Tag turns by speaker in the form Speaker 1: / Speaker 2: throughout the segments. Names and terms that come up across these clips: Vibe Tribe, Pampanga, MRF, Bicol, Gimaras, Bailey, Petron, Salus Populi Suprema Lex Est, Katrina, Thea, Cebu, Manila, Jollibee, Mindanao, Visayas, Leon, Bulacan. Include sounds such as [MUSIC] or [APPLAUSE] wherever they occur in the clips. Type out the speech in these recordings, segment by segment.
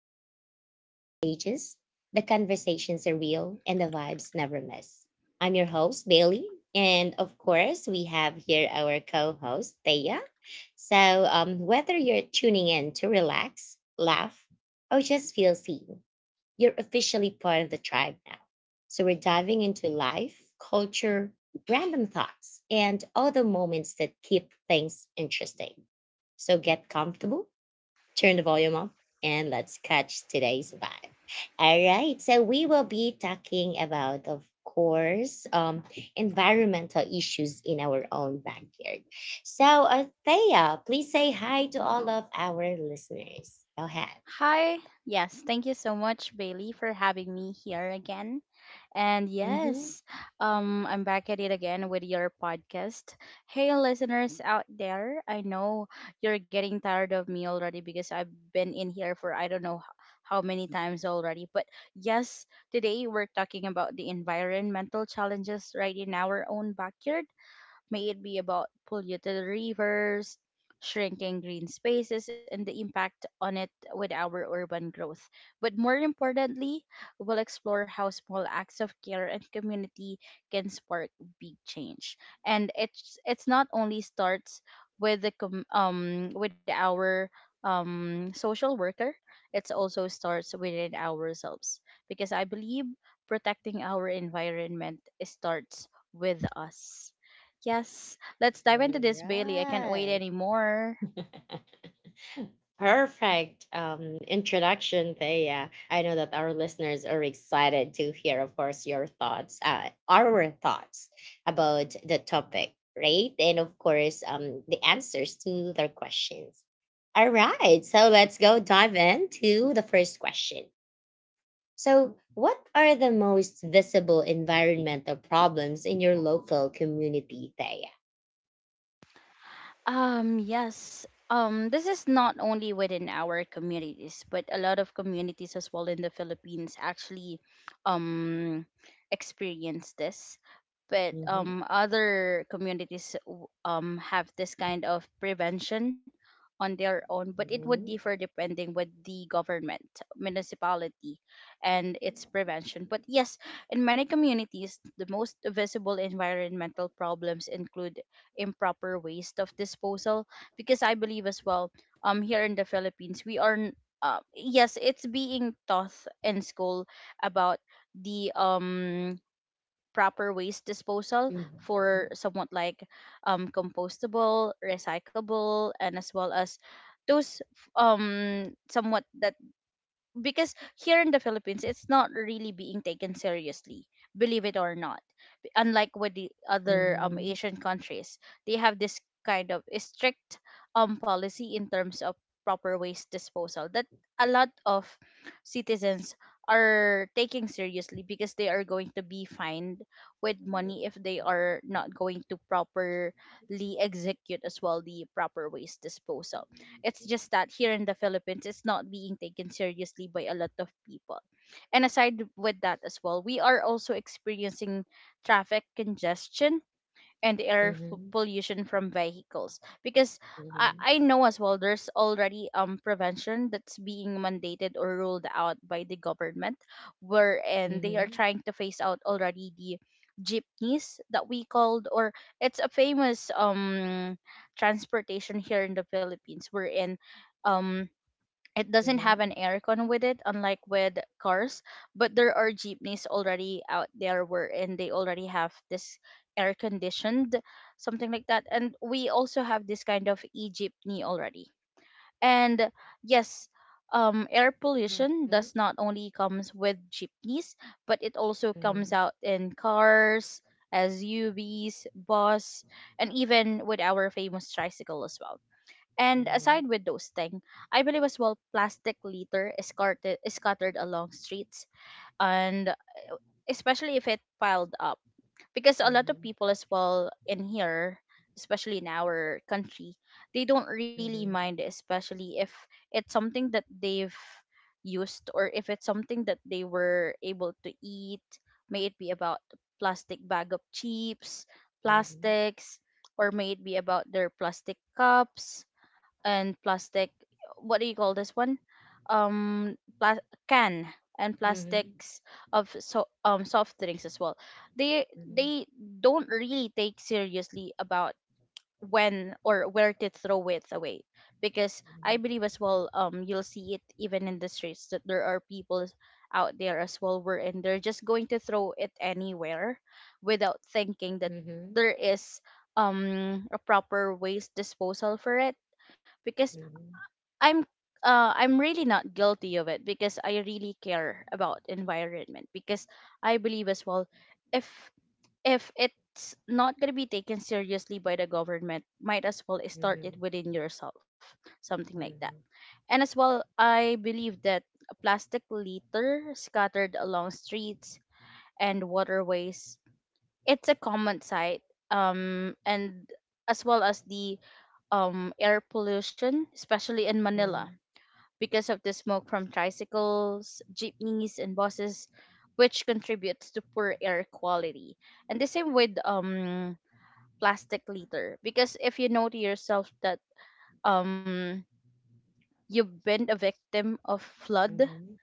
Speaker 1: where the energy is contagious, the conversations are real, and the vibes never miss. I'm your host, Bailey. And of course, we have here our co host, Thea. So, whether you're tuning in to relax, laugh, or just feel seen, you're officially part of the tribe now. So we're diving into life, culture, random thoughts, and all the moments that keep things interesting. So get comfortable, turn the volume up, and let's catch today's vibe. All right. So we will be talking about, of course, environmental issues in our own backyard. So, Thea, please say hi to all of our listeners. Go ahead. Mhm. All right. [LAUGHS] Perfect introduction, Thea. I know that our listeners are excited to hear, of course, your thoughts, our thoughts about the topic, right? And of course, the answers to their questions. All right, so let's go dive into the first question. So, what are the most visible environmental problems in your local community, Thea? hmm hmm hmm Mhm, mhm, mhm, mhm, mhm, mhm, mhm, mhm, mhm, mhm, mhm, mhm, mhm, mhm, mhm, mhm, mhm, mhm, mhm, mhm, mhm, mhm, mhm, mhm, mhm, mhm, mhm, mhm, mhm, mhm, mhm, mhm, mhm, mhm, mhm, mhm. Mhm.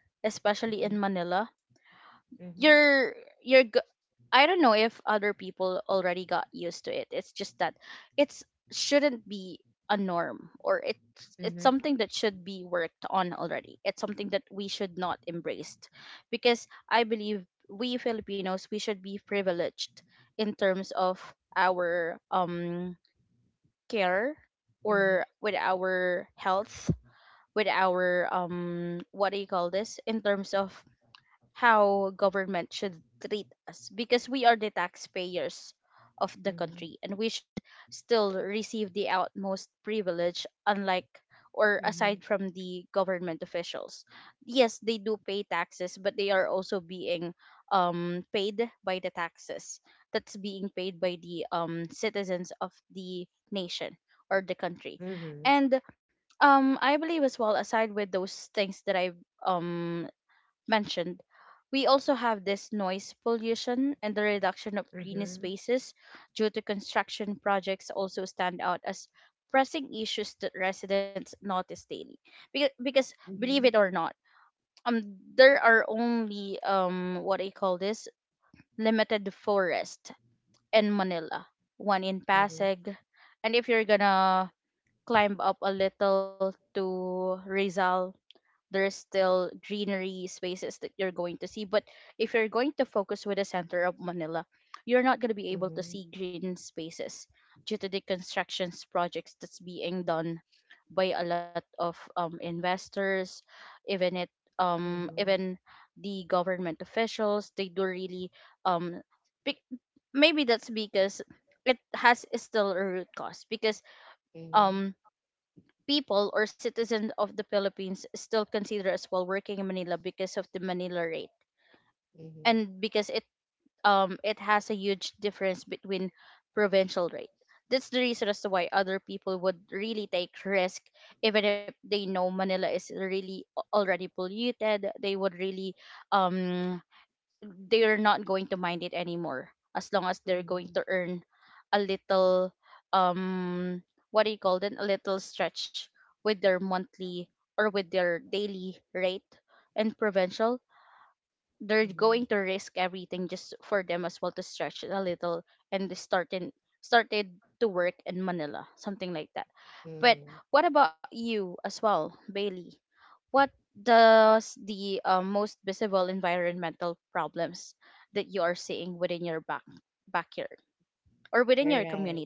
Speaker 1: All right.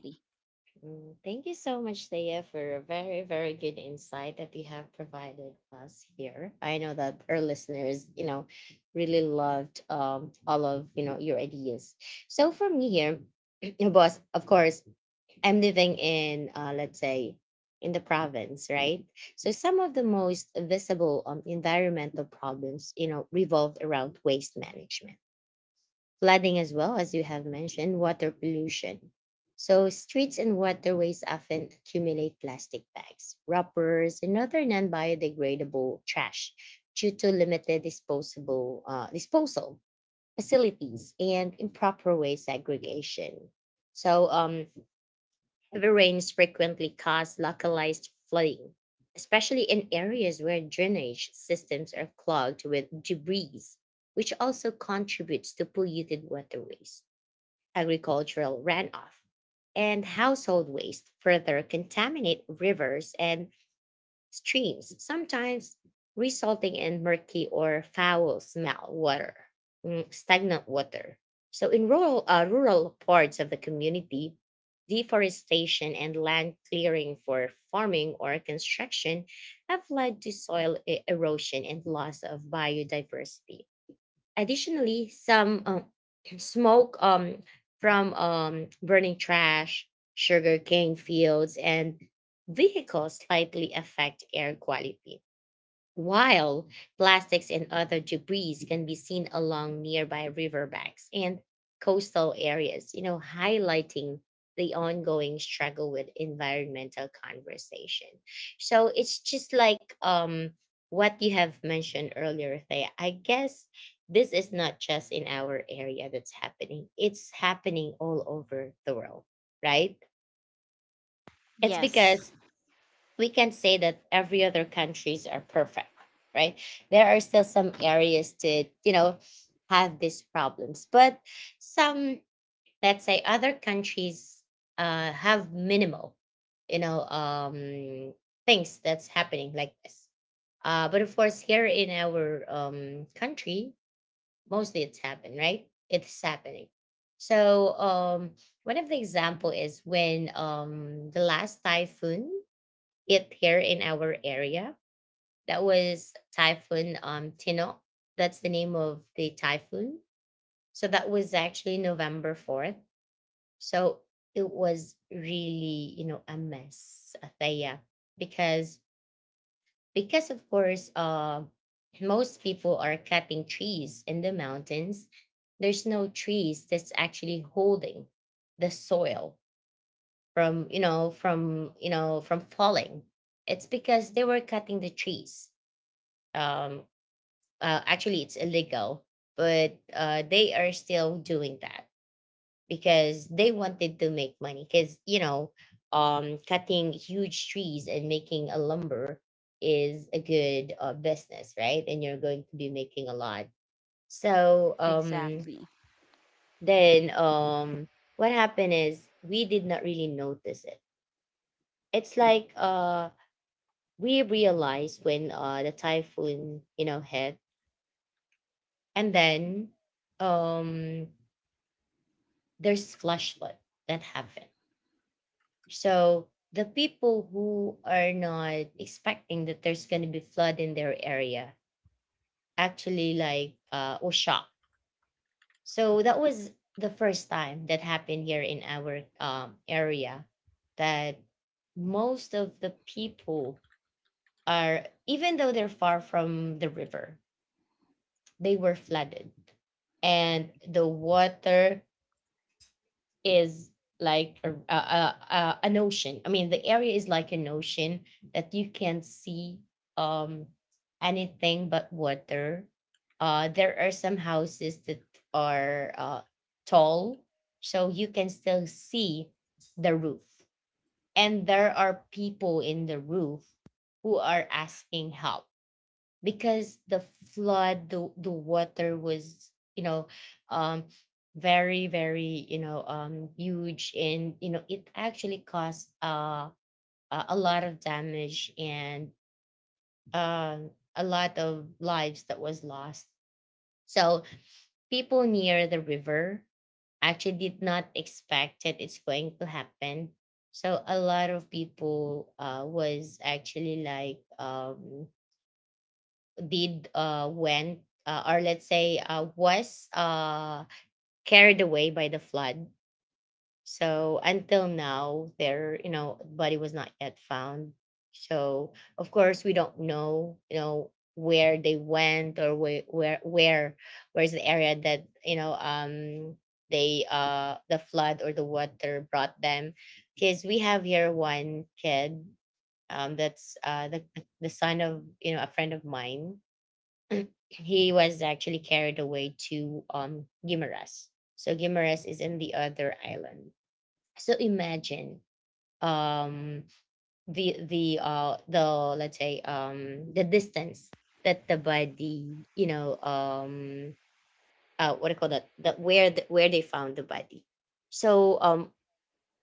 Speaker 1: Thank you so much, Thea, for a very, very good insight that you have provided us here. I know that our listeners, really loved all of your ideas. So for me here, [CLEARS THROAT] your boss, of course, I'm living in let's say in the province, right? So some of the most visible environmental problems, revolved around waste management flooding as well as you have mentioned, water pollution. So streets and waterways often accumulate plastic bags, wrappers, and other non-biodegradable trash due to limited disposable disposal facilities and improper waste segregation. So, heavy rains frequently cause localized flooding, especially in areas where drainage systems are clogged with debris, which also contributes to polluted waterways agricultural runoff, and household waste further contaminate rivers and streams, sometimes resulting in murky or foul smell water, stagnant water. So, in rural parts of the community, deforestation and land clearing for farming or construction have led to soil erosion and loss of biodiversity. Additionally, some [CLEARS THROAT] smoke from burning trash, sugarcane fields, and vehicles slightly affect air quality while plastics and other debris can be seen along nearby riverbanks and coastal areas, highlighting the ongoing struggle with environmental conversation. So it's just like what you have mentioned earlier, Thea. I guess this is not just in our area that's happening. It's happening all over the world, right? It's because we can say that every other countries are perfect, right? There are still some areas to, you know, have these problems, but some, let's say, other countries have minimal, you know, um, things that's happening like this. But of course, here in our country, mostly it's happened, right? It's happening. So, one of the example is when the last typhoon it here in our area. That was Typhoon Tino. That's the name of the typhoon. So that was actually November 4th. So it was really, you know, a mess, Athea, because because of course most people are cutting trees in the mountains. There's no trees that's actually holding the soil from, from, from falling. It's because they were cutting the trees um actually it's illegal but they are still doing that because they wanted to make money because cutting huge trees and making a lumber is a good business, right? And you're going to be making a lot. So um then um what happened is we did not really notice it. It's like We realized when the typhoon, you know, hit. And then um there's flashlight that happened. So the people who are not expecting that there's going to be flood in their area actually or shocked. So that was the first time that happened here in our area that most of the people are, even though they're far from the river, they were flooded. And the water is like an ocean. I mean, the area is like an ocean that you can see um, anything but water. There are some houses that are tall, so you can still see the roof. And there are people in the roof who are asking help because the flood the water was, you know, um very, very, you know, huge. And you know it actually caused a lot of damage and um a lot of lives that was lost. So people near the river actually did not expect that it's going to happen. So a lot of people was actually like did went or let's say was carried away by the flood. So until now their, you know, body was not yet found. So of course we don't know, you know, where they went or where's the area that, you know, the flood or the water brought them. Because we have here one kid that's the son of, you know, a friend of mine. He was actually carried away to Gimaras. So Gimaras is in the other island. So imagine um the let's say the distance that the body, you know, what do you call that that where where they found the body. So,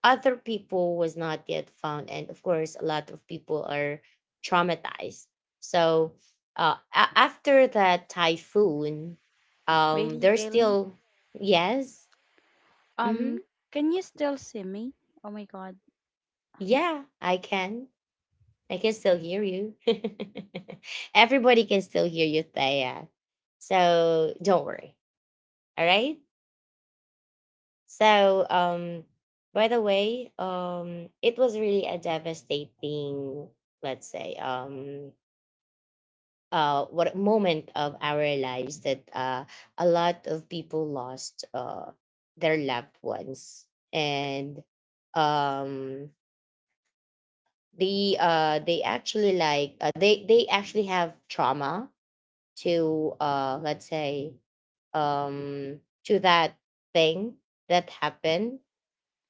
Speaker 1: other people was not yet found. And of course a lot of people are traumatized. So after that typhoon there's still yes mm-hmm. Yeah, I can, still hear you. [LAUGHS] Everybody can still hear you, Thea, so don't worry. All right. So, by the way, it was really a devastating, let's say, what moment of our lives that a lot of people lost their loved ones and um, they actually they actually have trauma to, let's say, um, to that thing that happened.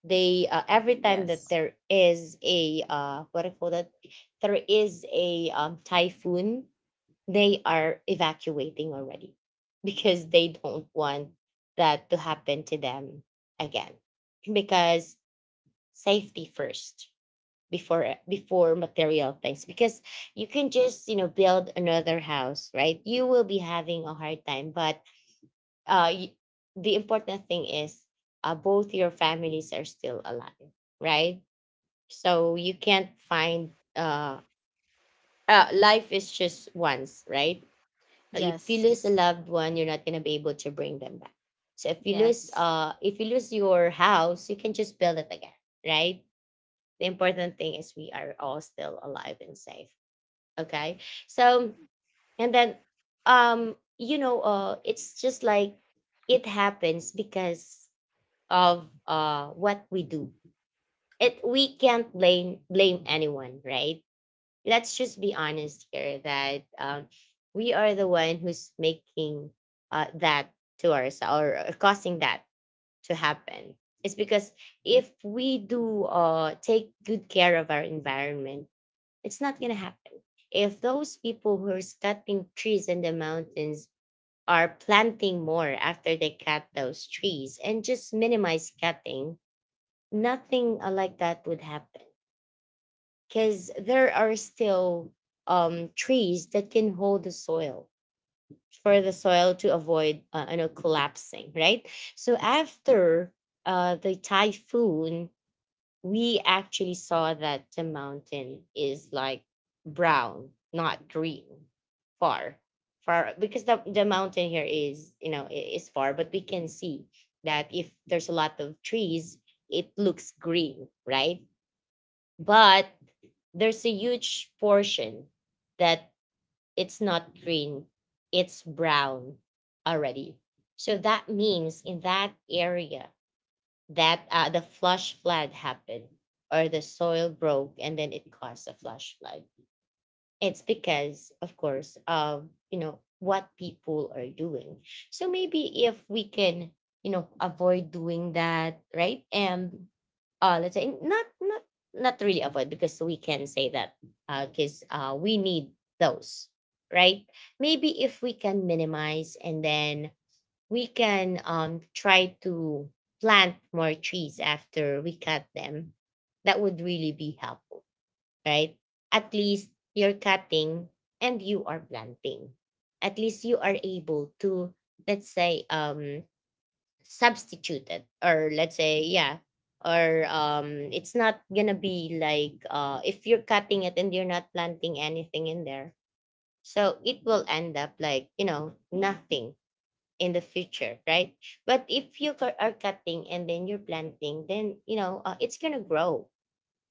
Speaker 1: They, every time that
Speaker 2: Yes.
Speaker 1: there is a what I call that there is a, typhoon, they are evacuating already because they don't want that to happen to them again. Because safety first before material things, because you can just, you know, build another house, right? You will be having a hard time, but uh y- the important thing is, both your families are still alive, right? So you can't find, uh, life is just once, right? So if you lose a
Speaker 2: Yes.
Speaker 1: loved one, you're not gonna be able to bring them back. So
Speaker 2: Yes.
Speaker 1: if you lose your house, you can just build it again, right? The important thing is we are all still alive and safe. Okay. So and then it's just like it happens because of what we do. It We can't blame anyone, right? Let's just be honest here that, we are the one who's making, that to ourselves, or causing that to happen. It's because if we do take good care of our environment, it's not going to happen. If those people who are cutting trees in the mountains are planting more after they cut those trees and just minimize cutting, nothing like that would happen, because there are still trees that can hold the soil, for the soil to avoid collapsing, right? So after the typhoon, we actually saw that the mountain is like brown, not green. Far, far because the mountain here is, far, but we can see that if there's a lot of trees, it looks green, right? But there's a huge portion that it's not green, it's brown already. So that means in that area, that the flush flood happened, or the soil broke and then it caused a flush flood. It's because, of course, of what people are doing. So maybe if we can avoid doing that, right? And let's say, not really avoid, because we can say that because we need those, right? Maybe if we can minimize and then we can try to plant more trees after we cut them. That would really be helpful, right? At least you're cutting and you are planting. At least you are able to, let's say, substituted, or let's say, yeah. Or it's not gonna be like, if you're cutting it and you're not planting anything in there, so it will end up like nothing in the future, right? But if you are cutting and then you're planting, then it's gonna grow,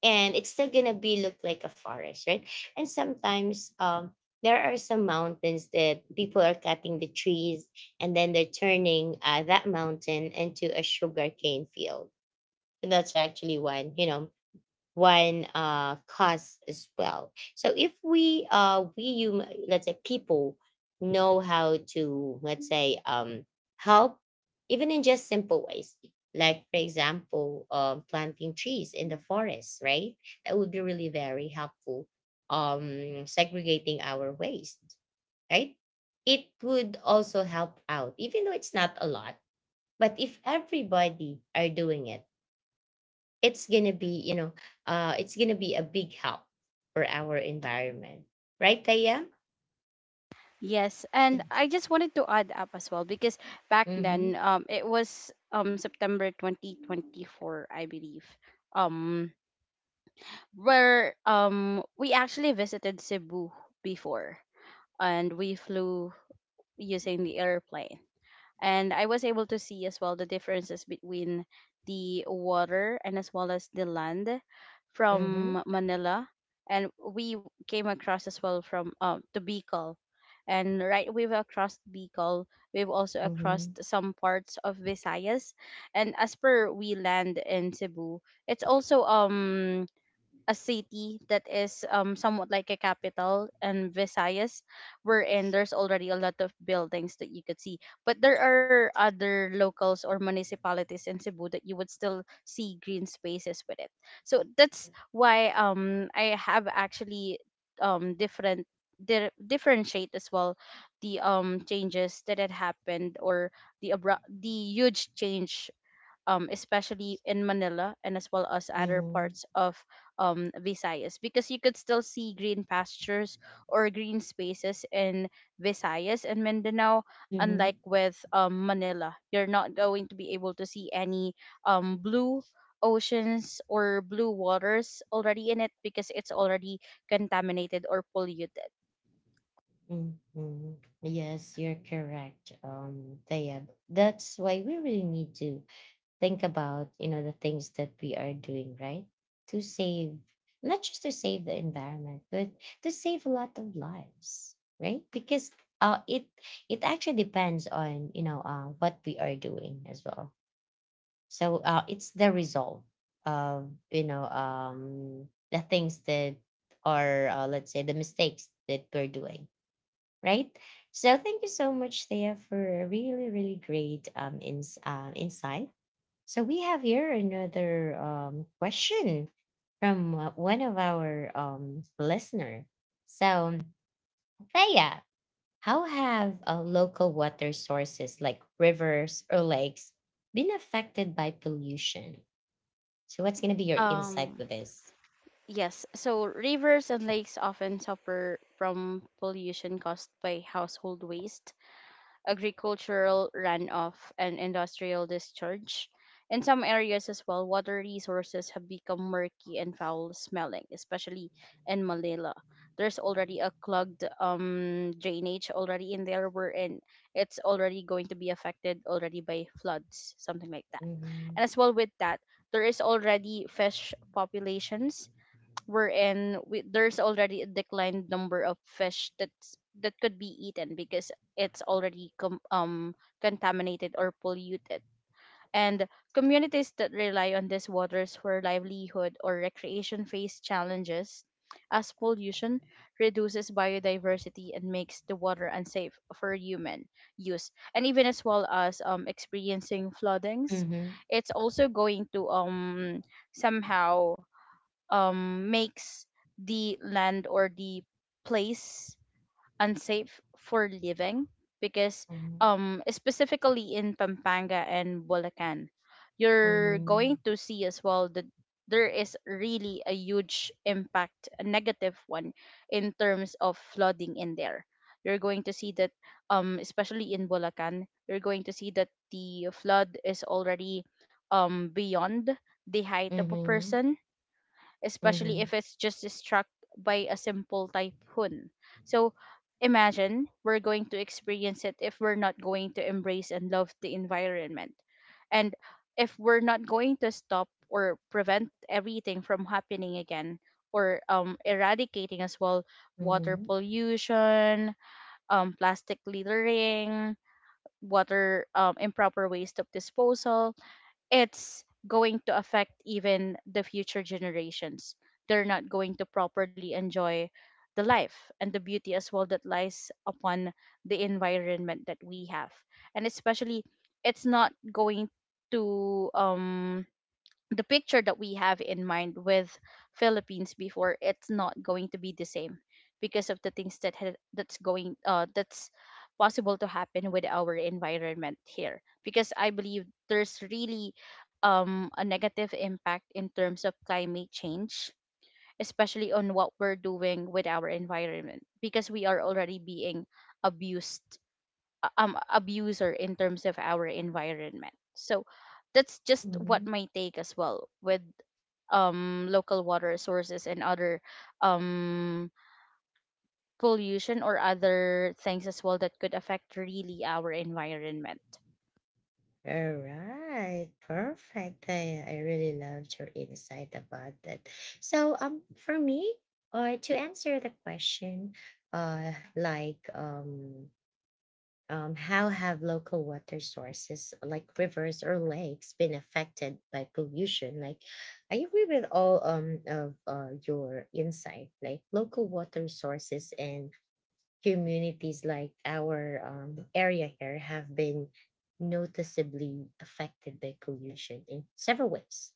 Speaker 1: and it's still gonna be look like a forest, right? And sometimes there are some mountains that people are cutting the trees, and then they're turning that mountain into a sugarcane field. And that's actually one cause as well. So if we we you let's say, people know how to, let's say, help, even in just simple ways, like for example, planting trees in the forest, right? That would be really very helpful. Segregating our waste, right? It would also help out, even though it's not a lot. But if everybody are doing it, it's gonna be, it's gonna be a big help for our environment, right Taya?
Speaker 2: Yes. And I just wanted to add up as well because back
Speaker 1: Mm-hmm.
Speaker 2: then, it was September 2024, I believe. Um, where we actually visited Cebu before, and we flew using the airplane. And I was able to see as well the differences between the water and as well as the land
Speaker 1: Mm-hmm.
Speaker 2: from Manila, and we came across as well from to Bicol, and right we've across Bicol, we've also across
Speaker 1: Mm-hmm.
Speaker 2: some parts of Visayas, and as per we land in Cebu, it's also a city that is somewhat like a capital and Visayas, wherein there's already a lot of buildings that you could see. But there are other locals or municipalities in Cebu that you would still see green spaces with it. So that's why I have actually different differentiate as well the changes that had happened, or the abrupt, the huge change, especially in Manila and as well as other
Speaker 1: Mm-hmm.
Speaker 2: parts of, Visayas, because you could still see green pastures or green spaces in Visayas and Mindanao,
Speaker 1: Mm-hmm.
Speaker 2: unlike with, Manila. You're not going to be able to see any blue oceans or blue waters already in it because it's already contaminated or polluted.
Speaker 1: Mm-hmm. Yes, you're correct, Thea. That's why we really need to think about the things that we are doing, right? To save, not just to save the environment, but to save a lot of lives, right? Because it it actually depends on what we are doing as well. So it's the result of the things that are let's say, the mistakes that we're doing, right? So thank you so much, Thea, for a really, really great insight. So we have here another question from one of our listener. So, Thea, how have local water sources like rivers or lakes been affected by pollution? So, what's going to be your insight
Speaker 2: Um,
Speaker 1: with this?
Speaker 2: yes, so rivers and lakes often suffer from pollution caused by household waste, agricultural runoff, and industrial discharge. In some areas as well, water resources have become murky and foul smelling, especially in Malila. There's already a clogged drainage already in there, wherein it's already going to be affected already by floods, something like that.
Speaker 1: Mm-hmm.
Speaker 2: And as well with that, there is already fish populations, there's already a declined number of fish that could be eaten because it's already contaminated or polluted, and communities that rely on these waters for livelihood or recreation face challenges as pollution reduces biodiversity and makes the water unsafe for human use, and even as well as experiencing floodings.
Speaker 1: Mm-hmm.
Speaker 2: It's also going to somehow makes the land or the place unsafe for living, because, specifically in Pampanga and Bulacan, you're
Speaker 1: Mm-hmm.
Speaker 2: going to see as well that there is really a huge impact, a negative one, in terms of flooding in there. You're going to see that, especially in Bulacan, you're going to see that the flood is already beyond the height of a
Speaker 1: Mm-hmm. Mm-hmm.
Speaker 2: person, especially if it's just struck by a simple typhoon. So imagine we're going to experience it if we're not going to embrace and love the environment. And if we're not going to stop or prevent everything from happening again, or eradicating as well water
Speaker 1: Mm-hmm.
Speaker 2: pollution, plastic littering, water improper waste of disposal, it's going to affect even the future generations. They're not going to properly enjoy the life and the beauty as well that lies upon the environment that we have. And especially, it's not going to the picture that we have in mind with Philippines before, it's not going to be the same because of the things that that's going, that's possible to happen with our environment here, because I believe there's really a negative impact in terms of climate change, especially on what we're doing with our environment, because we are already being abused, abuser in terms of our environment. So that's just what
Speaker 1: Mm-hmm.
Speaker 2: my take as well with local water sources and other um pollution, or other things as well that could affect really our environment.
Speaker 1: All right, perfect. I really loved your insight about that. So, for me, to answer the question, like, how have local water sources like rivers or lakes been affected by pollution? Like, I agree with all of your insight. Like, local water sources and communities like our area here have been noticeably affected by pollution in several ways.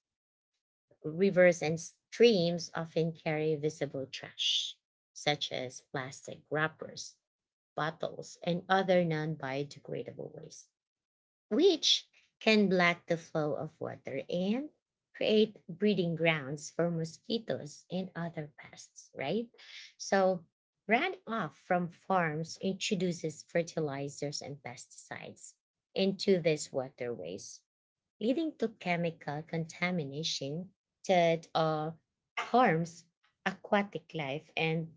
Speaker 1: Rivers and streams often carry visible trash, such as plastic wrappers, bottles, and other non biodegradable waste, which can block the flow of water and create breeding grounds for mosquitoes and other pests, right? So, runoff from farms introduces fertilizers and pesticides into these waterways, leading to chemical contamination that harms aquatic life and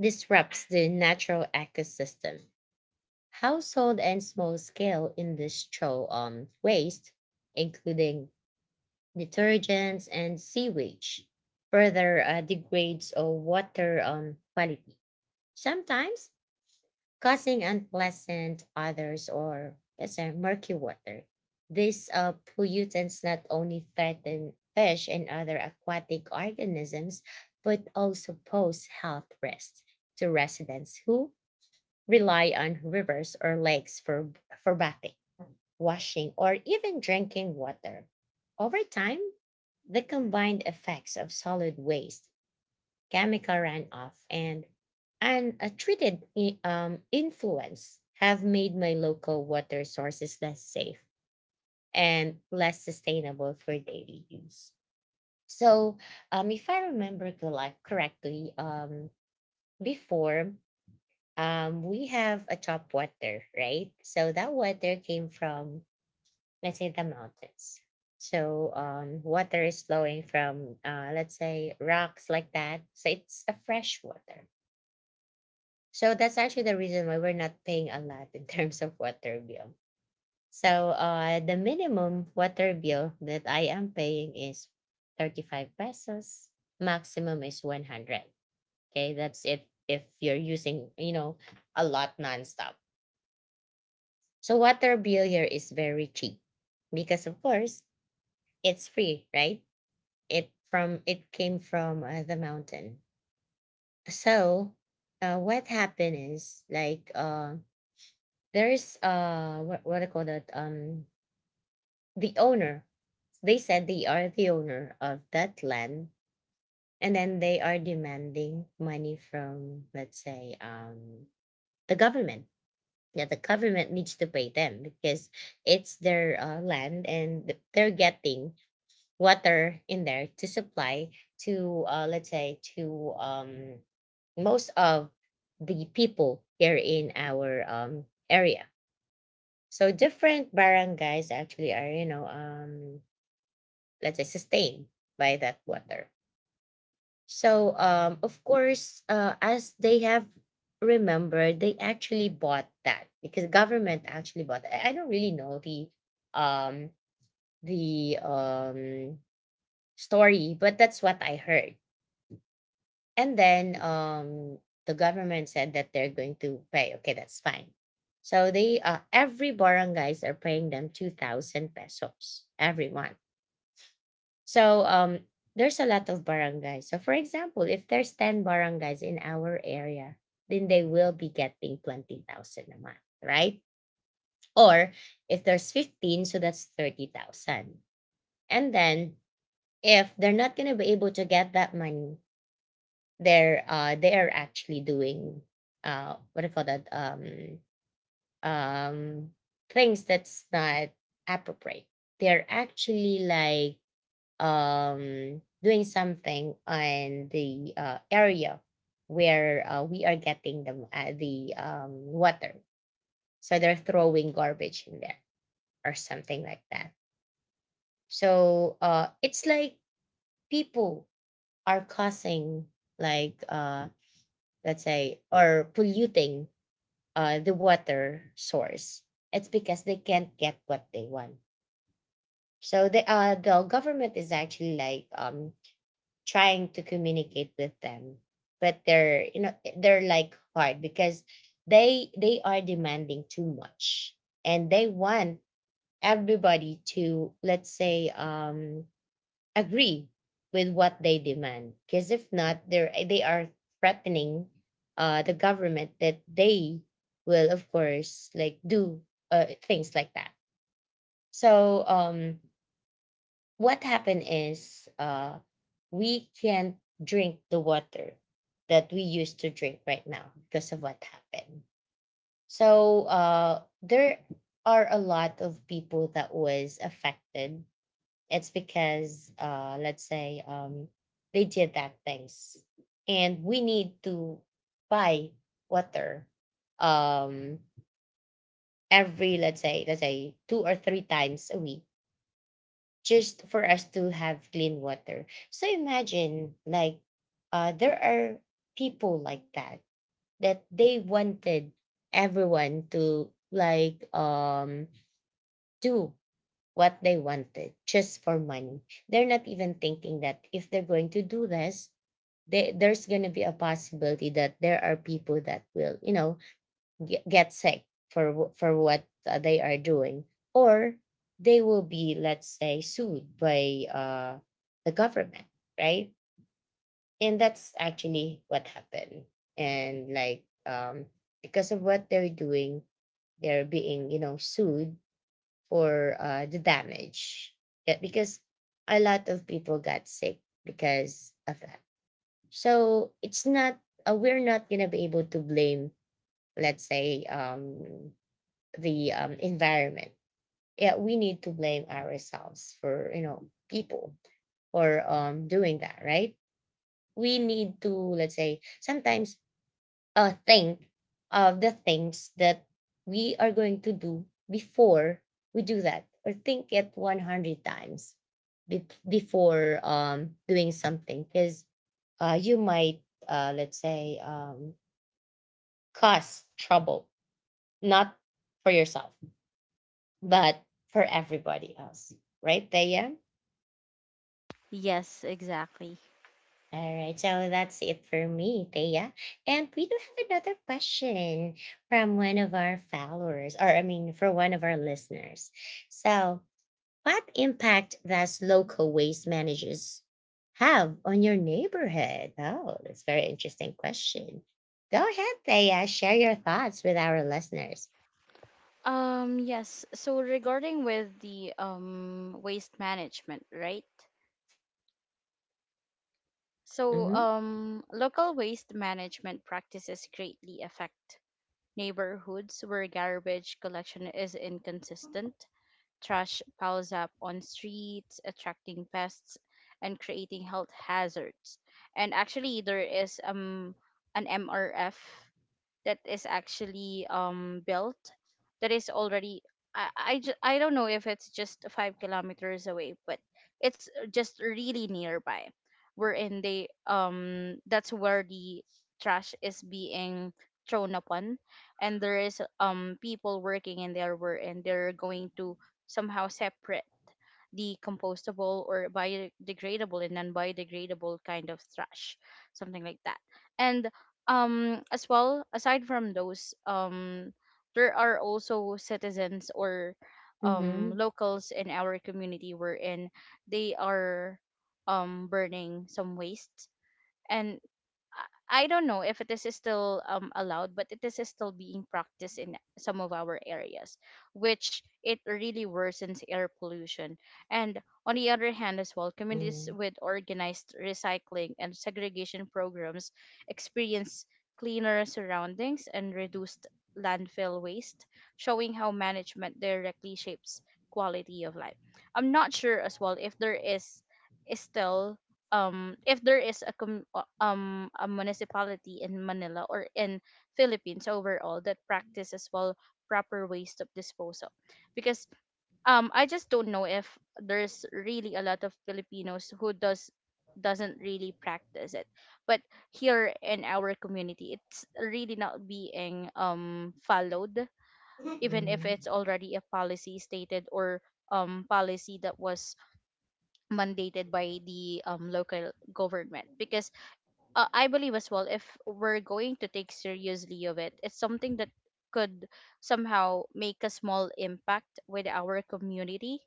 Speaker 1: disrupts the natural ecosystem. Household and small scale industrial waste, including detergents and sewage, further degrades our water quality, sometimes causing unpleasant odors or, yes, murky water. These pollutants not only threaten fish and other aquatic organisms, but also pose health risks to residents who rely on rivers or lakes for, bathing, washing, or even drinking water. Over time, the combined effects of solid waste, chemical runoff, and untreated influence have made my local water sources less safe and less sustainable for daily use. So, if I remember correctly, before, we have a top water, right? So that water came from, let's say, the mountains. So water is flowing from, let's say, rocks like that. So it's a fresh water. So that's actually the reason why we're not paying a lot in [LAUGHS] terms of water bill. So the minimum water bill that I am paying is 35 pesos. Maximum is 100. Okay, that's it if you're using a lot nonstop. So water bill here is very cheap because, of course, it's free, right? It came from the mountain. So what happened is like, there's what I call that, the owner. They said they are the owner of that land, and then they are demanding money from, let's say, the government. Yeah, the government needs to pay them because it's their land, and they're getting water in there to supply to, let's say, to most of the people here in our area. So different barangays actually are, let's say, sustained by that water. So of course, as they have remembered, they actually bought that, because government actually bought that. I don't really know the um the um story, but that's what I heard. And then the government said that they're going to pay. Okay, that's fine. So they, every barangays are paying them 2,000 pesos every month. So there's a lot of barangays. So for example, if there's 10 barangays in our area, then they will be getting 20,000 a month, right? Or if there's 15, so that's 30,000. And then if they're not gonna be able to get that money, they are actually doing, what do you call that, um, things that's not appropriate. They're actually like, doing something on the area where we are getting the water. So they're throwing garbage in there or something like that. So it's like people are causing, like, let's say, or polluting the water source. It's because they can't get what they want. So the government is actually like, trying to communicate with them, but they're you know they're like hard, because they are demanding too much, and they want everybody to, let's say, agree with what they demand. Because if not, they are threatening the government that they will, of course, like, do things like that. So what happened is we can't drink the water that we used to drink right now because of what happened. So there are a lot of people that was affected. It's because, let's say, they did that things, and we need to buy water, um, every, let's say, two or three times a week, just for us to have clean water. So imagine, like, there are people like that, that they wanted everyone to, like, do what they wanted just for money. They're not even thinking that if they're going to do this, there's going to be a possibility that there are people that will, you know, get sick for what they are doing, or they will be, let's say, sued by the government, right? And that's actually what happened. And, like, because of what they're doing, they're being, you know, sued for the damage. Yeah, because a lot of people got sick because of that. So, it's not we're not gonna be able to blame, let's say, the, environment. Yeah, we need to blame ourselves, for people, for doing that, right? We need to, let's say, sometimes think of the things that we are going to do before we do that, or think it 100 times before doing something, because you might let's say, cause trouble, not for yourself, but for everybody else, right Thea?
Speaker 2: Yes, exactly.
Speaker 1: All right, so that's it for me, Thea. And we do have another question from one of our followers, or I mean, for one of our listeners. So, what impact does local waste managers have on your neighborhood? Oh, that's a very interesting question. Go ahead, Thea, share your thoughts with our listeners.
Speaker 2: Yes, so regarding with the waste management, right? So,
Speaker 1: Mm-hmm.
Speaker 2: local waste management practices greatly affect neighborhoods where garbage collection is inconsistent. Trash piles up on streets, attracting pests and creating health hazards. And actually, there is an MRF that is actually built, that is already, I don't know if it's just 5 kilometers away, but it's just really nearby, wherein they that's where the trash is being thrown upon, and there is people working in there, wherein they're going to somehow separate the compostable or biodegradable and non-biodegradable kind of trash, something like that. And as well, aside from those, there are also citizens or
Speaker 1: Mm-hmm.
Speaker 2: locals in our community, wherein they are burning some waste, and I don't know if it is still allowed, but it is still being practiced in some of our areas, which it really worsens air pollution. And on the other hand, as well, communities
Speaker 1: Mm-hmm.
Speaker 2: with organized recycling and segregation programs experience cleaner surroundings and reduced landfill waste, showing how management directly shapes quality of life. I'm not sure as well if there is still if there is a a municipality in Manila, or in Philippines overall, that practices well proper waste of disposal, because I just don't know if there's really a lot of Filipinos who doesn't really practice it, but here in our community it's really not being followed, even if
Speaker 1: Mm-hmm.
Speaker 2: it's already a policy stated, or policy that was mandated by the local government, because I believe as well if we're going to take seriously of it, it's something that could somehow make a small impact with our community,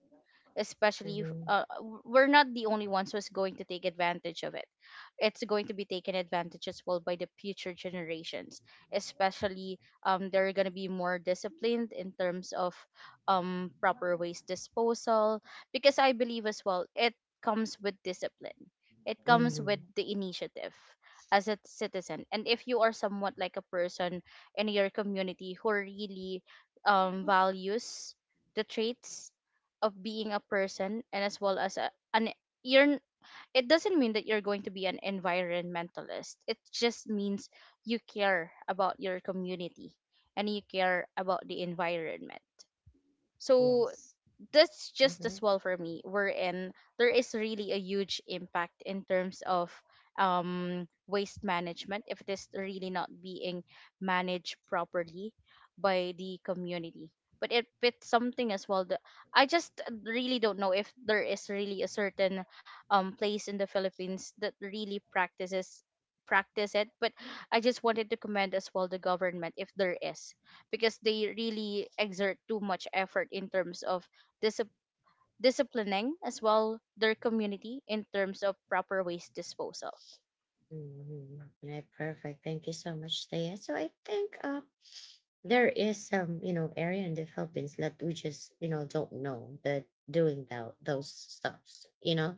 Speaker 2: especially if,
Speaker 1: Mm-hmm.
Speaker 2: we're not the only ones who's going to take advantage of it, it's going to be taken advantage as well by the future generations, especially they're going to be more disciplined in terms of proper waste disposal, because I believe as well it comes with discipline, it comes
Speaker 1: Mm-hmm.
Speaker 2: with the initiative as a citizen, and if you are somewhat like a person in your community who really values the traits of being a person, and as well as a, an you're n- it doesn't mean that you're going to be an environmentalist, it just means you care about your community and you care about the environment. So
Speaker 1: Yes.
Speaker 2: that's just as
Speaker 1: Mm-hmm.
Speaker 2: well for me, wherein there is really a huge impact in terms of waste management if it is really not being managed properly by the community. But if it's something as well that I just really don't know if there is really a certain place in the Philippines that really practice it, but I just wanted to commend as well the government if there is, because they really exert too much effort in terms of disip- disciplining as well their community in terms of proper waste disposal.
Speaker 1: Mhm. Right, perfect. Thank you so much, Thea. So I think there is some, you know, area in the Philippines that we just, you know, don't know that doing that, those stuffs.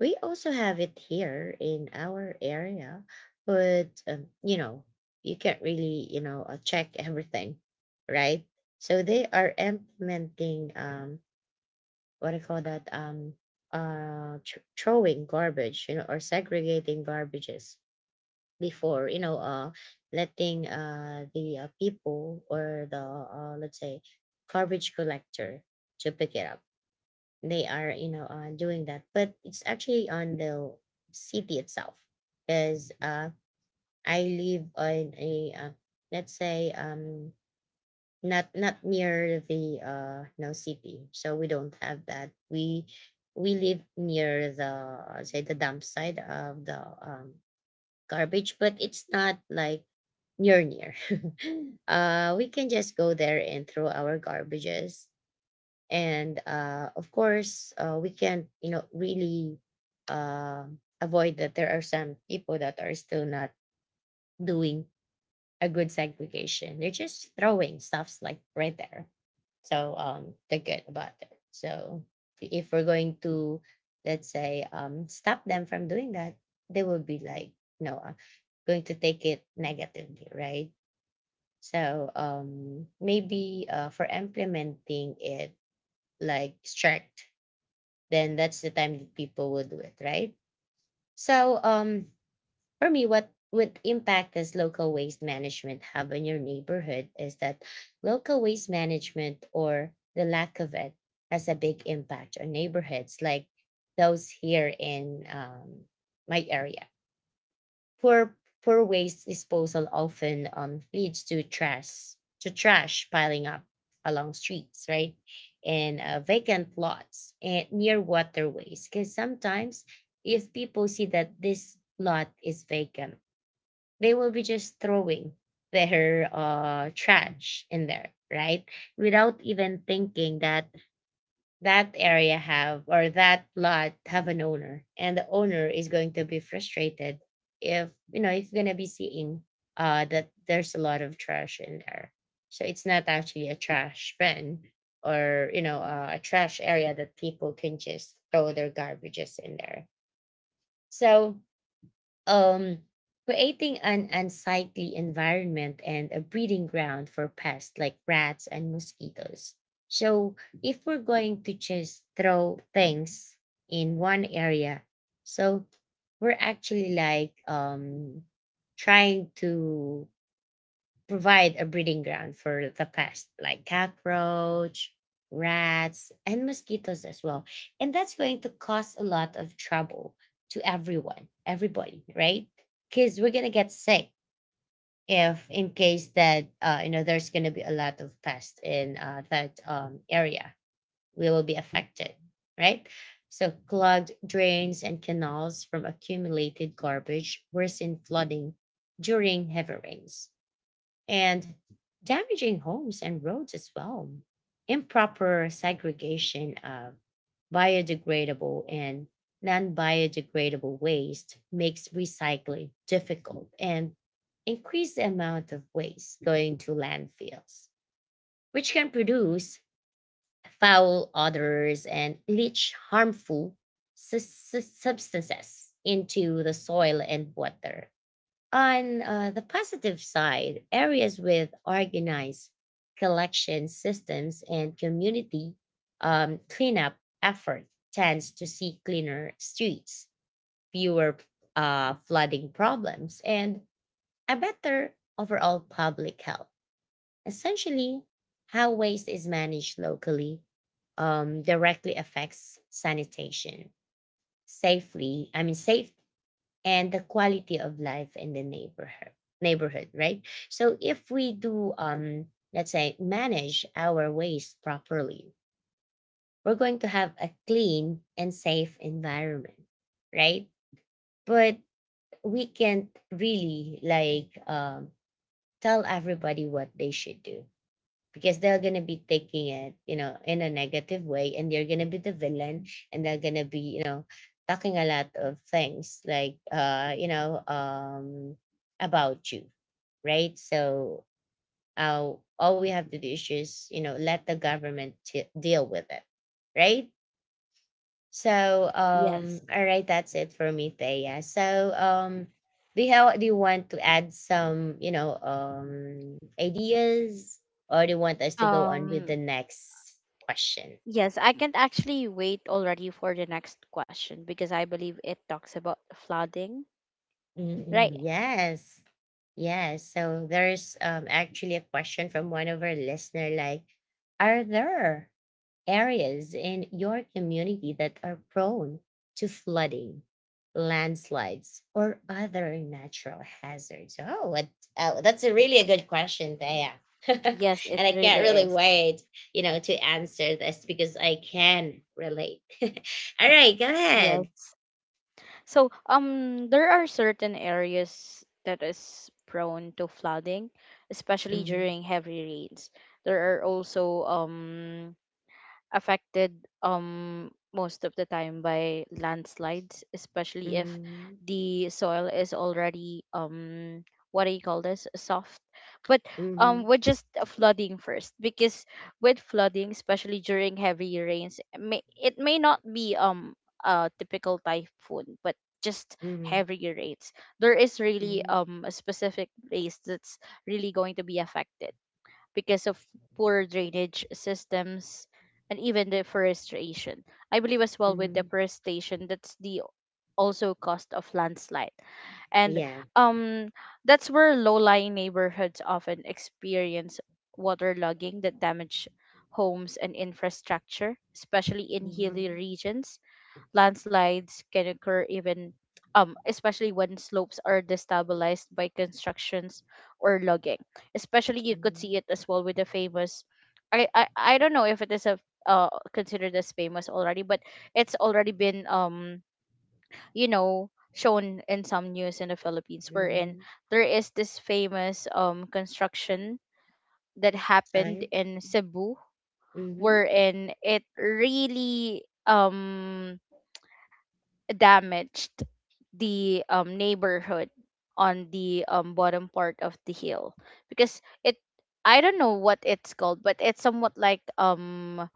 Speaker 1: We also have it here in our area, but, you can't really, check everything, right? So they are implementing, what do you call that, throwing garbage, you know, or segregating garbages before letting the people, or the let's say, garbage collector to pick it up. They are, doing that, but it's actually on the city itself. Because I live on a, let's say, not near the, no, city. So we don't have that. We live near the, say, the dump site of the um garbage, but it's not like near near. [LAUGHS] We can just go there and throw our garbages, and of course, we can't really uh, avoid that there are some people that are still not doing a good segregation. They're just throwing stuffs like right there. So they're good about it. So if we're going to, let's say, stop them from doing that, they will be like, you know, uh, going to take it negatively, right? So maybe for implementing it like strict, then that's the time that people will do it, right? So for me, what impact does local waste management have on your neighborhood is that local waste management or the lack of it has a big impact on neighborhoods like those here in my area. Poor poor waste disposal often leads to trash piling up along streets, right? And vacant lots and near waterways. Because sometimes if people see that this lot is vacant, they will be just throwing their trash in there, right, without even thinking that that area have or that lot have an owner, and the owner is going to be frustrated if, you know, it's going to be seeing that there's a lot of trash in there. So it's not actually a trash bin or, you know, a trash area that people can just throw their garbages in there. So um, creating an unsightly environment and a breeding ground for pests like rats and mosquitoes. So, if we're going to just throw things in one area, so we're actually like trying to provide a breeding ground for the pests like cockroach, rats, and mosquitoes as well. And that's going to cause a lot of trouble to everyone, everybody, right? Because we're gonna get sick if, in case that, you know, there's gonna be a lot of pests in that area, we will be affected, right? So clogged drains and canals from accumulated garbage worsen flooding during heavy rains and damaging homes and roads as well. Improper segregation of biodegradable and non biodegradable waste makes recycling difficult and increase the amount of waste going to landfills, which can produce foul odors and leach harmful substances into the soil and water. On the positive side, areas with organized collection systems and community cleanup effort tends to see cleaner streets, fewer flooding problems, and a better overall public health. Essentially, how waste is managed locally directly affects sanitation, safety and the quality of life in the neighborhood, right? So if we do let's say manage our waste properly, we're going to have a clean and safe environment, right? But we can't really like tell everybody what they should do, because they're gonna be taking it, you know, in a negative way, and they are gonna be the villain, and they're gonna be, you know, talking a lot of things like, you know, about you, right? So, uh, all we have to do is just, you know, let the deal with it, right? So,
Speaker 2: Yes.
Speaker 1: all right, that's it for me, Thea. So, do you have, do you want to add some, you know, ideas, or do you want us to go on with the
Speaker 2: Um
Speaker 1: next question?
Speaker 2: yes, I can't actually wait already for the next question because I believe it talks about flooding,
Speaker 1: Mm,
Speaker 2: right?
Speaker 1: yes, yes. So there's actually a question from one of our listener, like, are there areas in your community that are prone to flooding, landslides, or other natural hazards? Oh, what, oh that's a really a good question, Thea. [LAUGHS]
Speaker 2: Yes,
Speaker 1: And
Speaker 2: it
Speaker 1: I can't
Speaker 2: really
Speaker 1: really
Speaker 2: is.
Speaker 1: wait, you know, to answer this because I can relate. [LAUGHS] All right, go ahead.
Speaker 2: Yes. So there are certain areas that is prone to flooding, especially
Speaker 1: Mhm,
Speaker 2: during heavy rains. There are also affected most of the time by landslides, especially if
Speaker 1: mhm,
Speaker 2: the soil is already what do you call this, soft. But
Speaker 1: mhm,
Speaker 2: with just flooding first, because with flooding, especially during heavy rains, it may not be a typical typhoon, but just
Speaker 1: mhm,
Speaker 2: heavy rains. There is really
Speaker 1: mhm,
Speaker 2: a specific place that's really going to be affected because of poor drainage systems and even deforestation. I believe as well with
Speaker 1: mhm.
Speaker 2: deforestation, that's the also cost of landslide. And
Speaker 1: Yeah.
Speaker 2: um that's where low-lying neighborhoods often experience waterlogging that damage homes and infrastructure. Especially in hilly
Speaker 1: Mhm,
Speaker 2: regions, landslides can occur even especially when slopes are destabilized by constructions or logging. Especially you could
Speaker 1: mhm,
Speaker 2: see it as well with the famous, I don't know if it is a considered as famous already, but it's already been you know shown in some news in the Philippines, wherein
Speaker 1: mhm.
Speaker 2: there is this famous construction that happened
Speaker 1: Sorry.
Speaker 2: in Cebu,
Speaker 1: Mhm.
Speaker 2: wherein it really damaged the neighborhood on the bottom part of the hill, because it I don't know what it's called, but it's somewhat like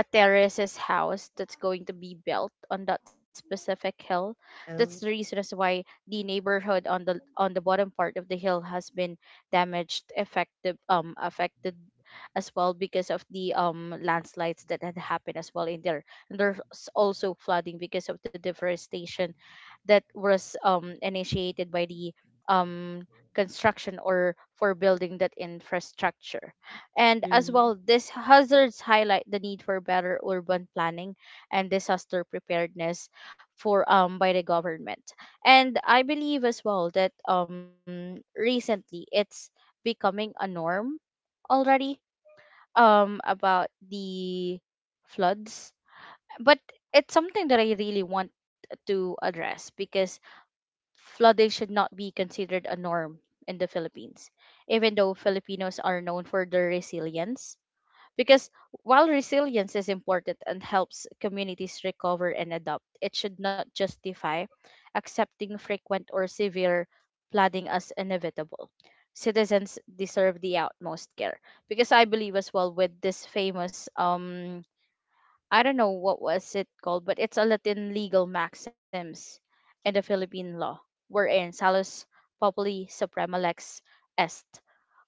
Speaker 2: a terrace's house that's going to be built on that specific hill. That's the
Speaker 1: Oh.
Speaker 2: reason as why the neighborhood on the bottom part of the hill has been damaged, effective affected as well because of the landslides that had happened as well in there. And there's also flooding because of the deforestation that was initiated by the um construction or for building that infrastructure, and as
Speaker 1: Mhm,
Speaker 2: well, these hazards highlight the need for better urban planning and disaster preparedness for by the government. And I believe as well that recently it's becoming a norm already about the floods. But it's something that I really want to address because flooding should not be considered a norm in the Philippines, even though Filipinos are known for their resilience, because while resilience is important and helps communities recover and adapt, it should not justify accepting frequent or severe flooding as inevitable. Citizens deserve the utmost care. Because I believe as well with this famous I don't know what was it called, but it's a Latin legal maxims in the Philippine law, wherein Salus Populi Suprema Lex Est,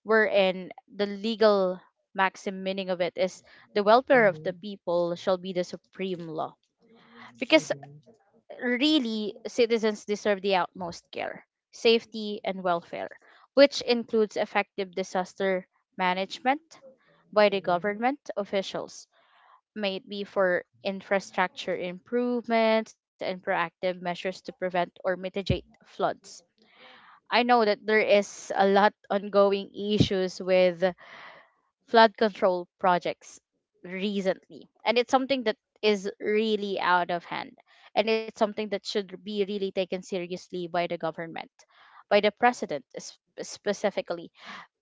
Speaker 2: wherein the legal maxim meaning of it is the welfare of the
Speaker 1: mhm.
Speaker 2: people shall be the supreme law. Because
Speaker 1: Mhm,
Speaker 2: really, citizens deserve the utmost care, safety, and welfare, which includes effective disaster management by the
Speaker 1: mhm,
Speaker 2: government officials, may it be for infrastructure improvements and proactive measures to prevent or mitigate floods. I know that there is a lot ongoing issues with flood control projects recently, and it's something that is really out of hand, and it's something that should be really taken seriously by the government, by the president specifically.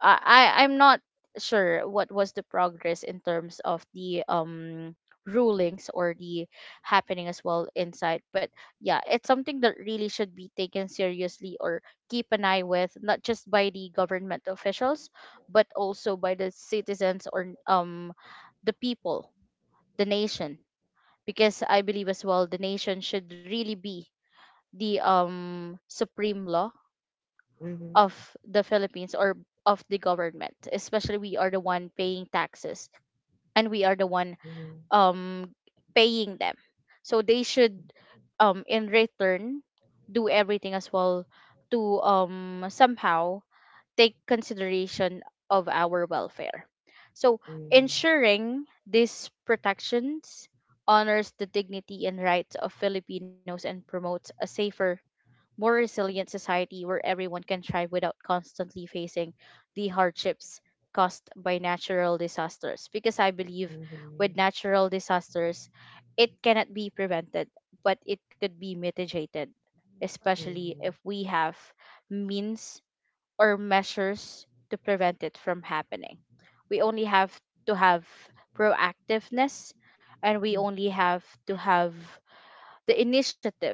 Speaker 2: I'm not sure what was the progress in terms of the rulings or the happening as well inside, but yeah, it's something that really should be taken seriously or keep an eye with, not just by the government officials but also by the citizens, or the people, the nation, because I believe as well the nation should really be the supreme law
Speaker 1: mhm,
Speaker 2: of the Philippines or of the government, especially we are the one paying taxes and we are the one,
Speaker 1: mhm,
Speaker 2: um paying them, so they should, in return, do everything as well to somehow take consideration of our welfare. So,
Speaker 1: mhm,
Speaker 2: ensuring these protections honors the dignity and rights of Filipinos and promotes a safer, more resilient society where everyone can thrive without constantly facing the hardships caused by natural disasters. Because I believe
Speaker 1: mhm,
Speaker 2: with natural disasters, it cannot be prevented, but it could be mitigated, especially if
Speaker 1: mhm,
Speaker 2: we have means or measures to prevent it from happening. We only have to have proactiveness, and we only have to have the initiative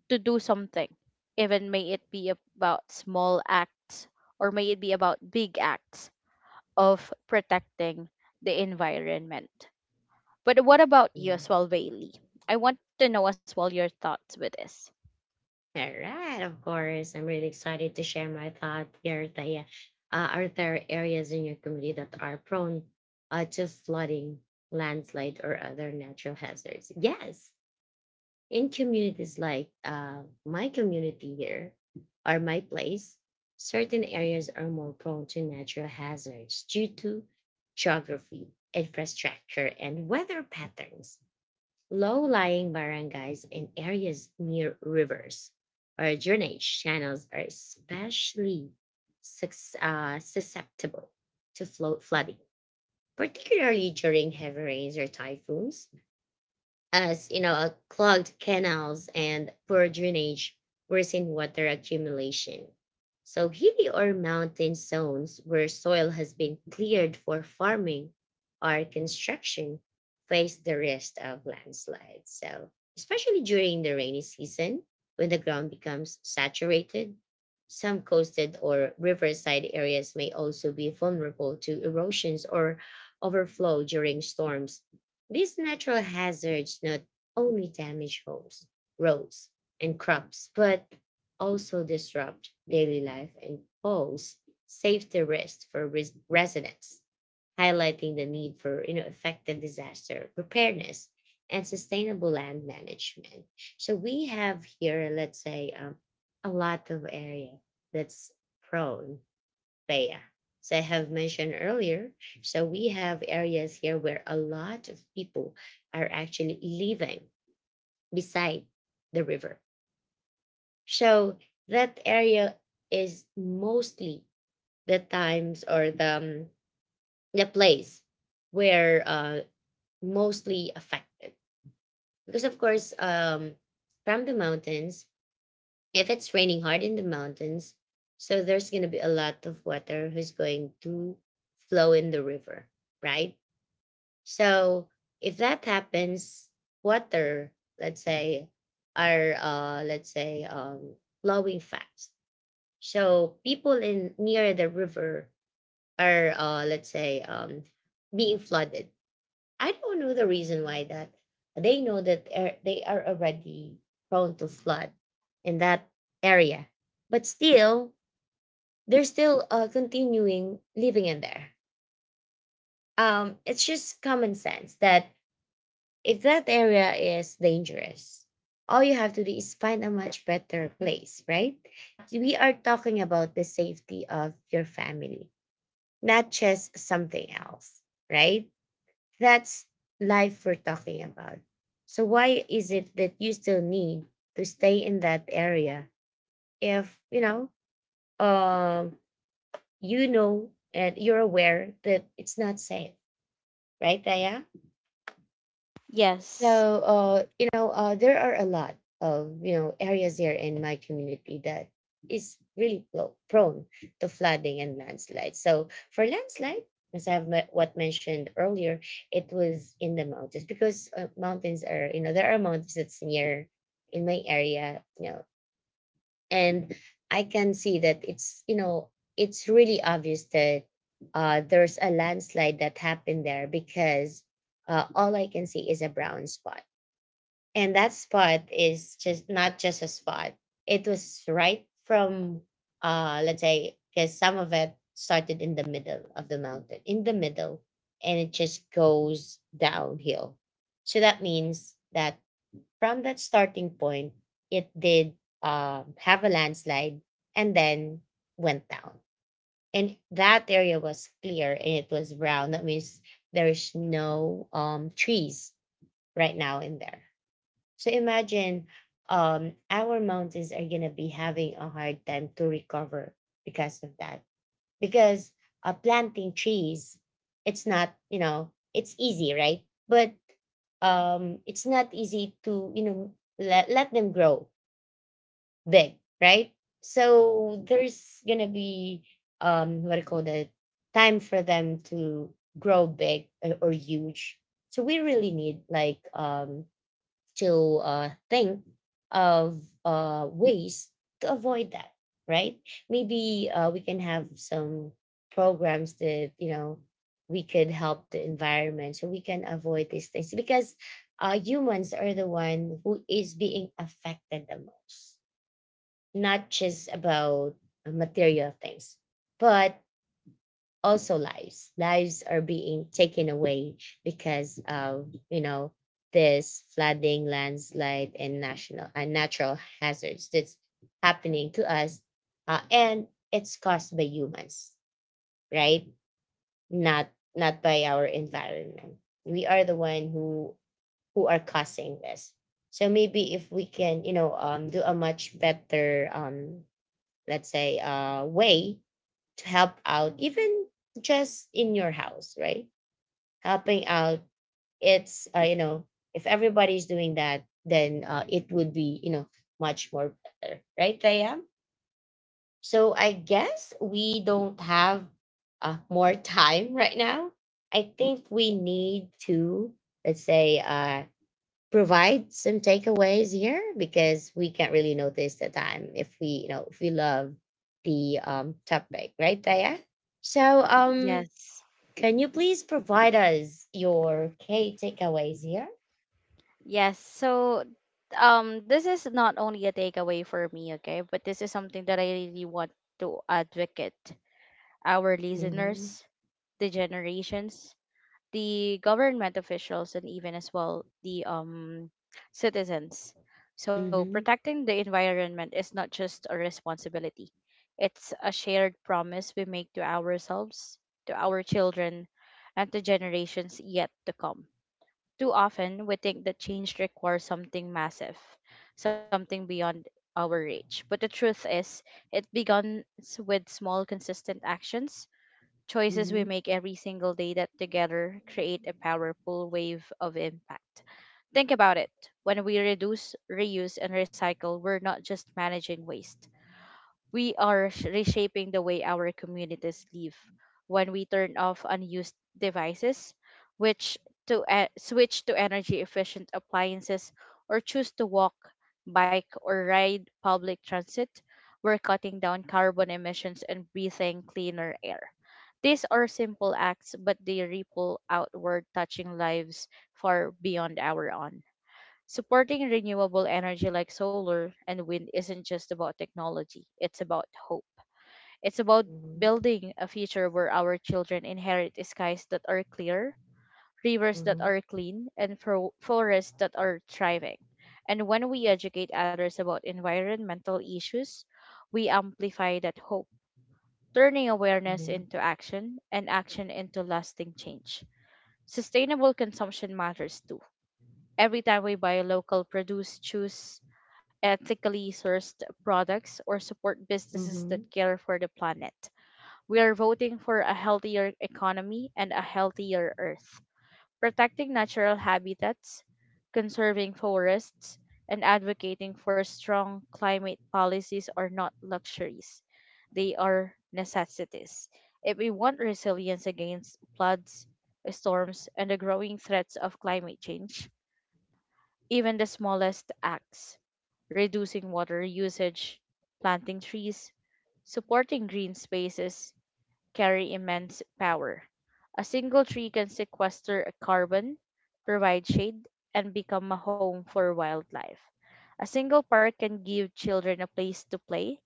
Speaker 2: to do something, even may it be about small acts or may it be about big acts of protecting the environment. But what about you
Speaker 1: mhm.
Speaker 2: as well, Bailey? I want to know as well your thoughts with this.
Speaker 1: All right, of course. I'm really excited to share my thought here, Taya. Are there areas in your community that are prone to flooding, landslide, or other natural hazards? Yes, in communities like my community here or my place, certain areas are more prone to natural hazards due to geography, infrastructure, and weather patterns. Low lying barangays and areas near rivers or drainage channels are especially susceptible to flooding, particularly during heavy rains or typhoons, as you know, clogged canals and poor drainage worsen water accumulation. So hilly or mountain zones where soil has been cleared for farming or construction face the risk of landslides. So especially during the rainy season, when the ground becomes saturated, some coasted or riverside areas may also be vulnerable to erosions or overflow during storms. These natural hazards not only damage homes, roads, and crops, but also disrupt daily life and pose safety risks for residents, highlighting the need for, you know, effective disaster preparedness and sustainable land management. So we have here, let's say, a lot of area that's prone, Bea. So I have mentioned earlier, so we have areas here where a lot of people are actually living beside the river. So that area is mostly the times or the place where mostly affected. Because of course, from the mountains, if it's raining hard in the mountains, so there's going to be a lot of water who's going to flow in the river, right? So if that happens, water, let's say, are let's say flowing fast. So people in near the river are let's say being flooded. I don't know the reason why that. They know that they are already prone to flood in that area, but still they're still continuing living in there. It's just common sense that if that area is dangerous, all you have to do is find a much better place, right? We are talking about the safety of your family, not just something else, right? That's life we're talking about. So why is it that you still need to stay in that area if, um you know and you're aware that it's not safe, right, Daya? So,
Speaker 2: Yes.
Speaker 1: you know, there are a lot of, you know, areas here in my community that is really prone to flooding and landslides. So for landslide, as what mentioned earlier, it was in the mountains because mountains are, you know, there are mountains that's near in my area, you know, and I can see that it's, you know, it's really obvious that there's a landslide that happened there because all I can see is a brown spot, and that spot is just not just a spot. It was right from let's say, because some of it started in the middle of the mountain, in the middle, and it just goes downhill. So that means that from that starting point, it did have a landslide and then went down. And that area was clear and it was brown. That means there's no trees right now in there. So imagine our mountains are going to be having a hard time to recover because of that. Because planting trees, it's not, you know, it's easy, right? But it's not easy to, you know, let, let them grow big, right? So there's going to be, what I call the time for them to grow big or huge. So we really need like to think of ways to avoid that, right? Maybe we can have some programs that, you know, we could help the environment so we can avoid these things because humans are the one who is being affected the most, not just about material things, but also lives are being taken away because of, you know, this flooding, landslide, and national and natural hazards that's happening to us, and it's caused by humans, right? Not not by our environment. We are the one who are causing this. So maybe if we can, you know, do a much better let's say way to help out, even just in your house, right? Helping out, it's, you know, if everybody's doing that, then it would be, you know, much more better, right, Taya? So I guess we don't have more [LAUGHS] time right now. I think we need to, let's say, provide some takeaways here because we can't really notice the time if we, you know, if we love the topic, right, Taya? So
Speaker 2: Yes.
Speaker 1: can you please provide us your key takeaways here.
Speaker 2: Yes. So, this is not only a takeaway for me, okay, but this is something that I really want to advocate our
Speaker 1: Mm-hmm,
Speaker 2: listeners, the generations, the government officials, and even as well the citizens. So
Speaker 1: mm-hmm,
Speaker 2: protecting the environment is not just a responsibility. It's a shared promise we make to ourselves, to our children, and to generations yet to come. Too often, we think that change requires something massive, something beyond our reach. But the truth is, it begins with small, consistent actions, choices we
Speaker 1: mm-hmm,
Speaker 2: make every single day that together create a powerful wave of impact. Think about it. When we reduce, reuse, and recycle, we're not just managing waste, we are reshaping the way our communities live. When we turn off unused devices, which to switch to energy efficient appliances, or choose to walk, bike, or ride public transit, we're cutting down carbon emissions and breathing cleaner air. These are simple acts, but they ripple outward, touching lives far beyond our own. Supporting renewable energy like solar and wind isn't just about technology, it's about hope. It's about building a future where our children inherit skies that are clear, rivers that
Speaker 1: mm-hmm,
Speaker 2: are clean, and forests that are thriving. And when we educate others about environmental issues, we amplify that hope, turning awareness
Speaker 1: mm-hmm,
Speaker 2: into action and action into lasting change. Sustainable consumption matters too. Every time we buy local produce, choose ethically sourced products, or support businesses that
Speaker 1: mm-hmm,
Speaker 2: care for the planet, we are voting for a healthier economy and a healthier earth. Protecting natural habitats, conserving forests, and advocating for strong climate policies are not luxuries, they are necessities. If we want resilience against floods, storms, and the growing threats of climate change, even the smallest acts, reducing water usage, planting trees, supporting green spaces, carry immense power. A single tree can sequester carbon, provide shade, and become a home for wildlife. A single park can give children a place to play,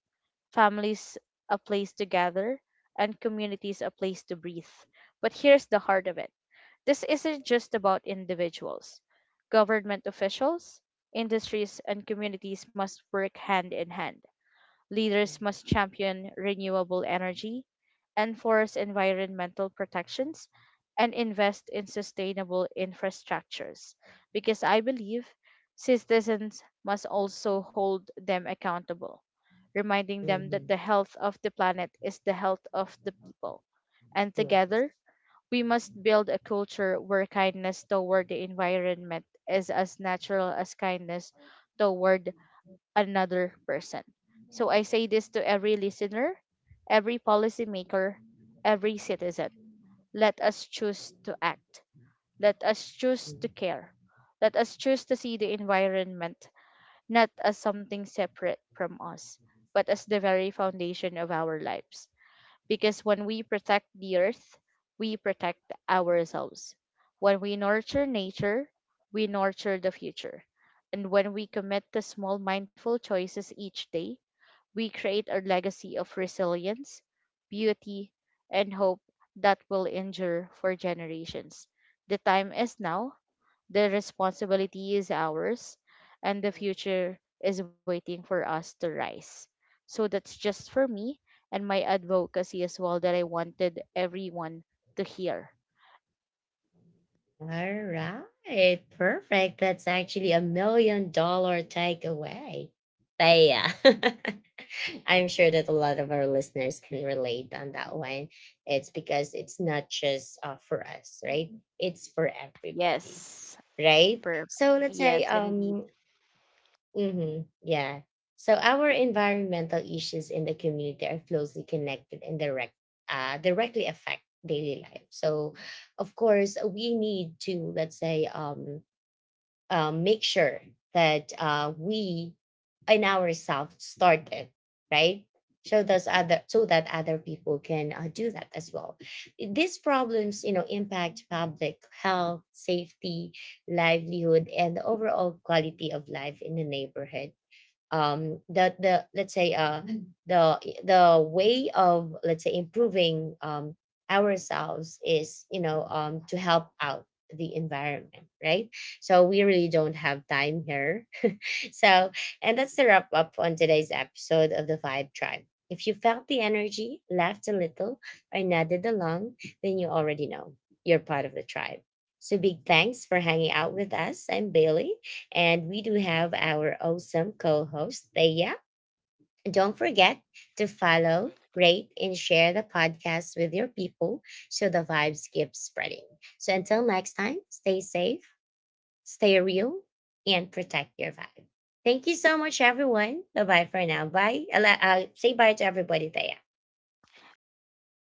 Speaker 2: families a place to gather, and communities a place to breathe. But here's the heart of it: this isn't just about individuals. Government officials, industries, and communities must work hand in hand. Leaders must champion renewable energy, enforce environmental protections, and invest in sustainable infrastructures. Because I believe citizens must also hold them accountable, reminding them that the health of the planet is the health of the people. And together, we must build a culture where kindness toward the environment is as natural as kindness toward another person. So I say this to every listener, every policymaker, every citizen. Let us choose to act. Let us choose to
Speaker 1: mm-hmm.
Speaker 2: care. Let us choose to see the environment not as something separate from us, but as the very foundation of our lives. Because when we protect the earth, we protect ourselves. When we nurture nature, we nurture the future. And when we commit to small mindful choices each day, we create a legacy of resilience, beauty, and hope that will endure for generations. The time is now, the responsibility is ours, and the future is waiting for us to rise. So that's just for me and my advocacy as well that I wanted everyone to hear.
Speaker 1: All right, perfect. That's actually a million dollar takeaway. But yeah, [LAUGHS] I'm sure that a lot of our listeners can relate on that one. It's because it's not just for us, right? It's for everybody,
Speaker 2: Yes,
Speaker 1: right?
Speaker 2: perfect.
Speaker 1: So let's say
Speaker 2: Yes, indeed.
Speaker 1: mm-hmm. Yeah. So our environmental issues in the community are closely connected and directly affect daily life. So, of course, we need to, let's say, make sure that we in ourselves start it, right. So those other so that other people can do that as well. These problems, you know, impact public health, safety, livelihood, and the overall quality of life in the neighborhood. The let's say mm, the way of, let's say, improving ourselves is, you know, to help out the environment, right? So we really don't have time here. So, and that's the wrap up on today's episode of The Vibe Tribe. If you felt the energy, laughed a little, or nodded along, then you already know you're part of the tribe. So, big thanks for hanging out with us. I'm Bailey, and we do have our awesome co host, Thea. And don't forget to follow, rate, and share the podcast with your people so the vibes keep spreading. So, until next time, stay safe, stay real, and protect your vibe. Thank you so much, everyone. Bye bye for now. Bye. Say bye to everybody there.
Speaker 2: Bye, guys.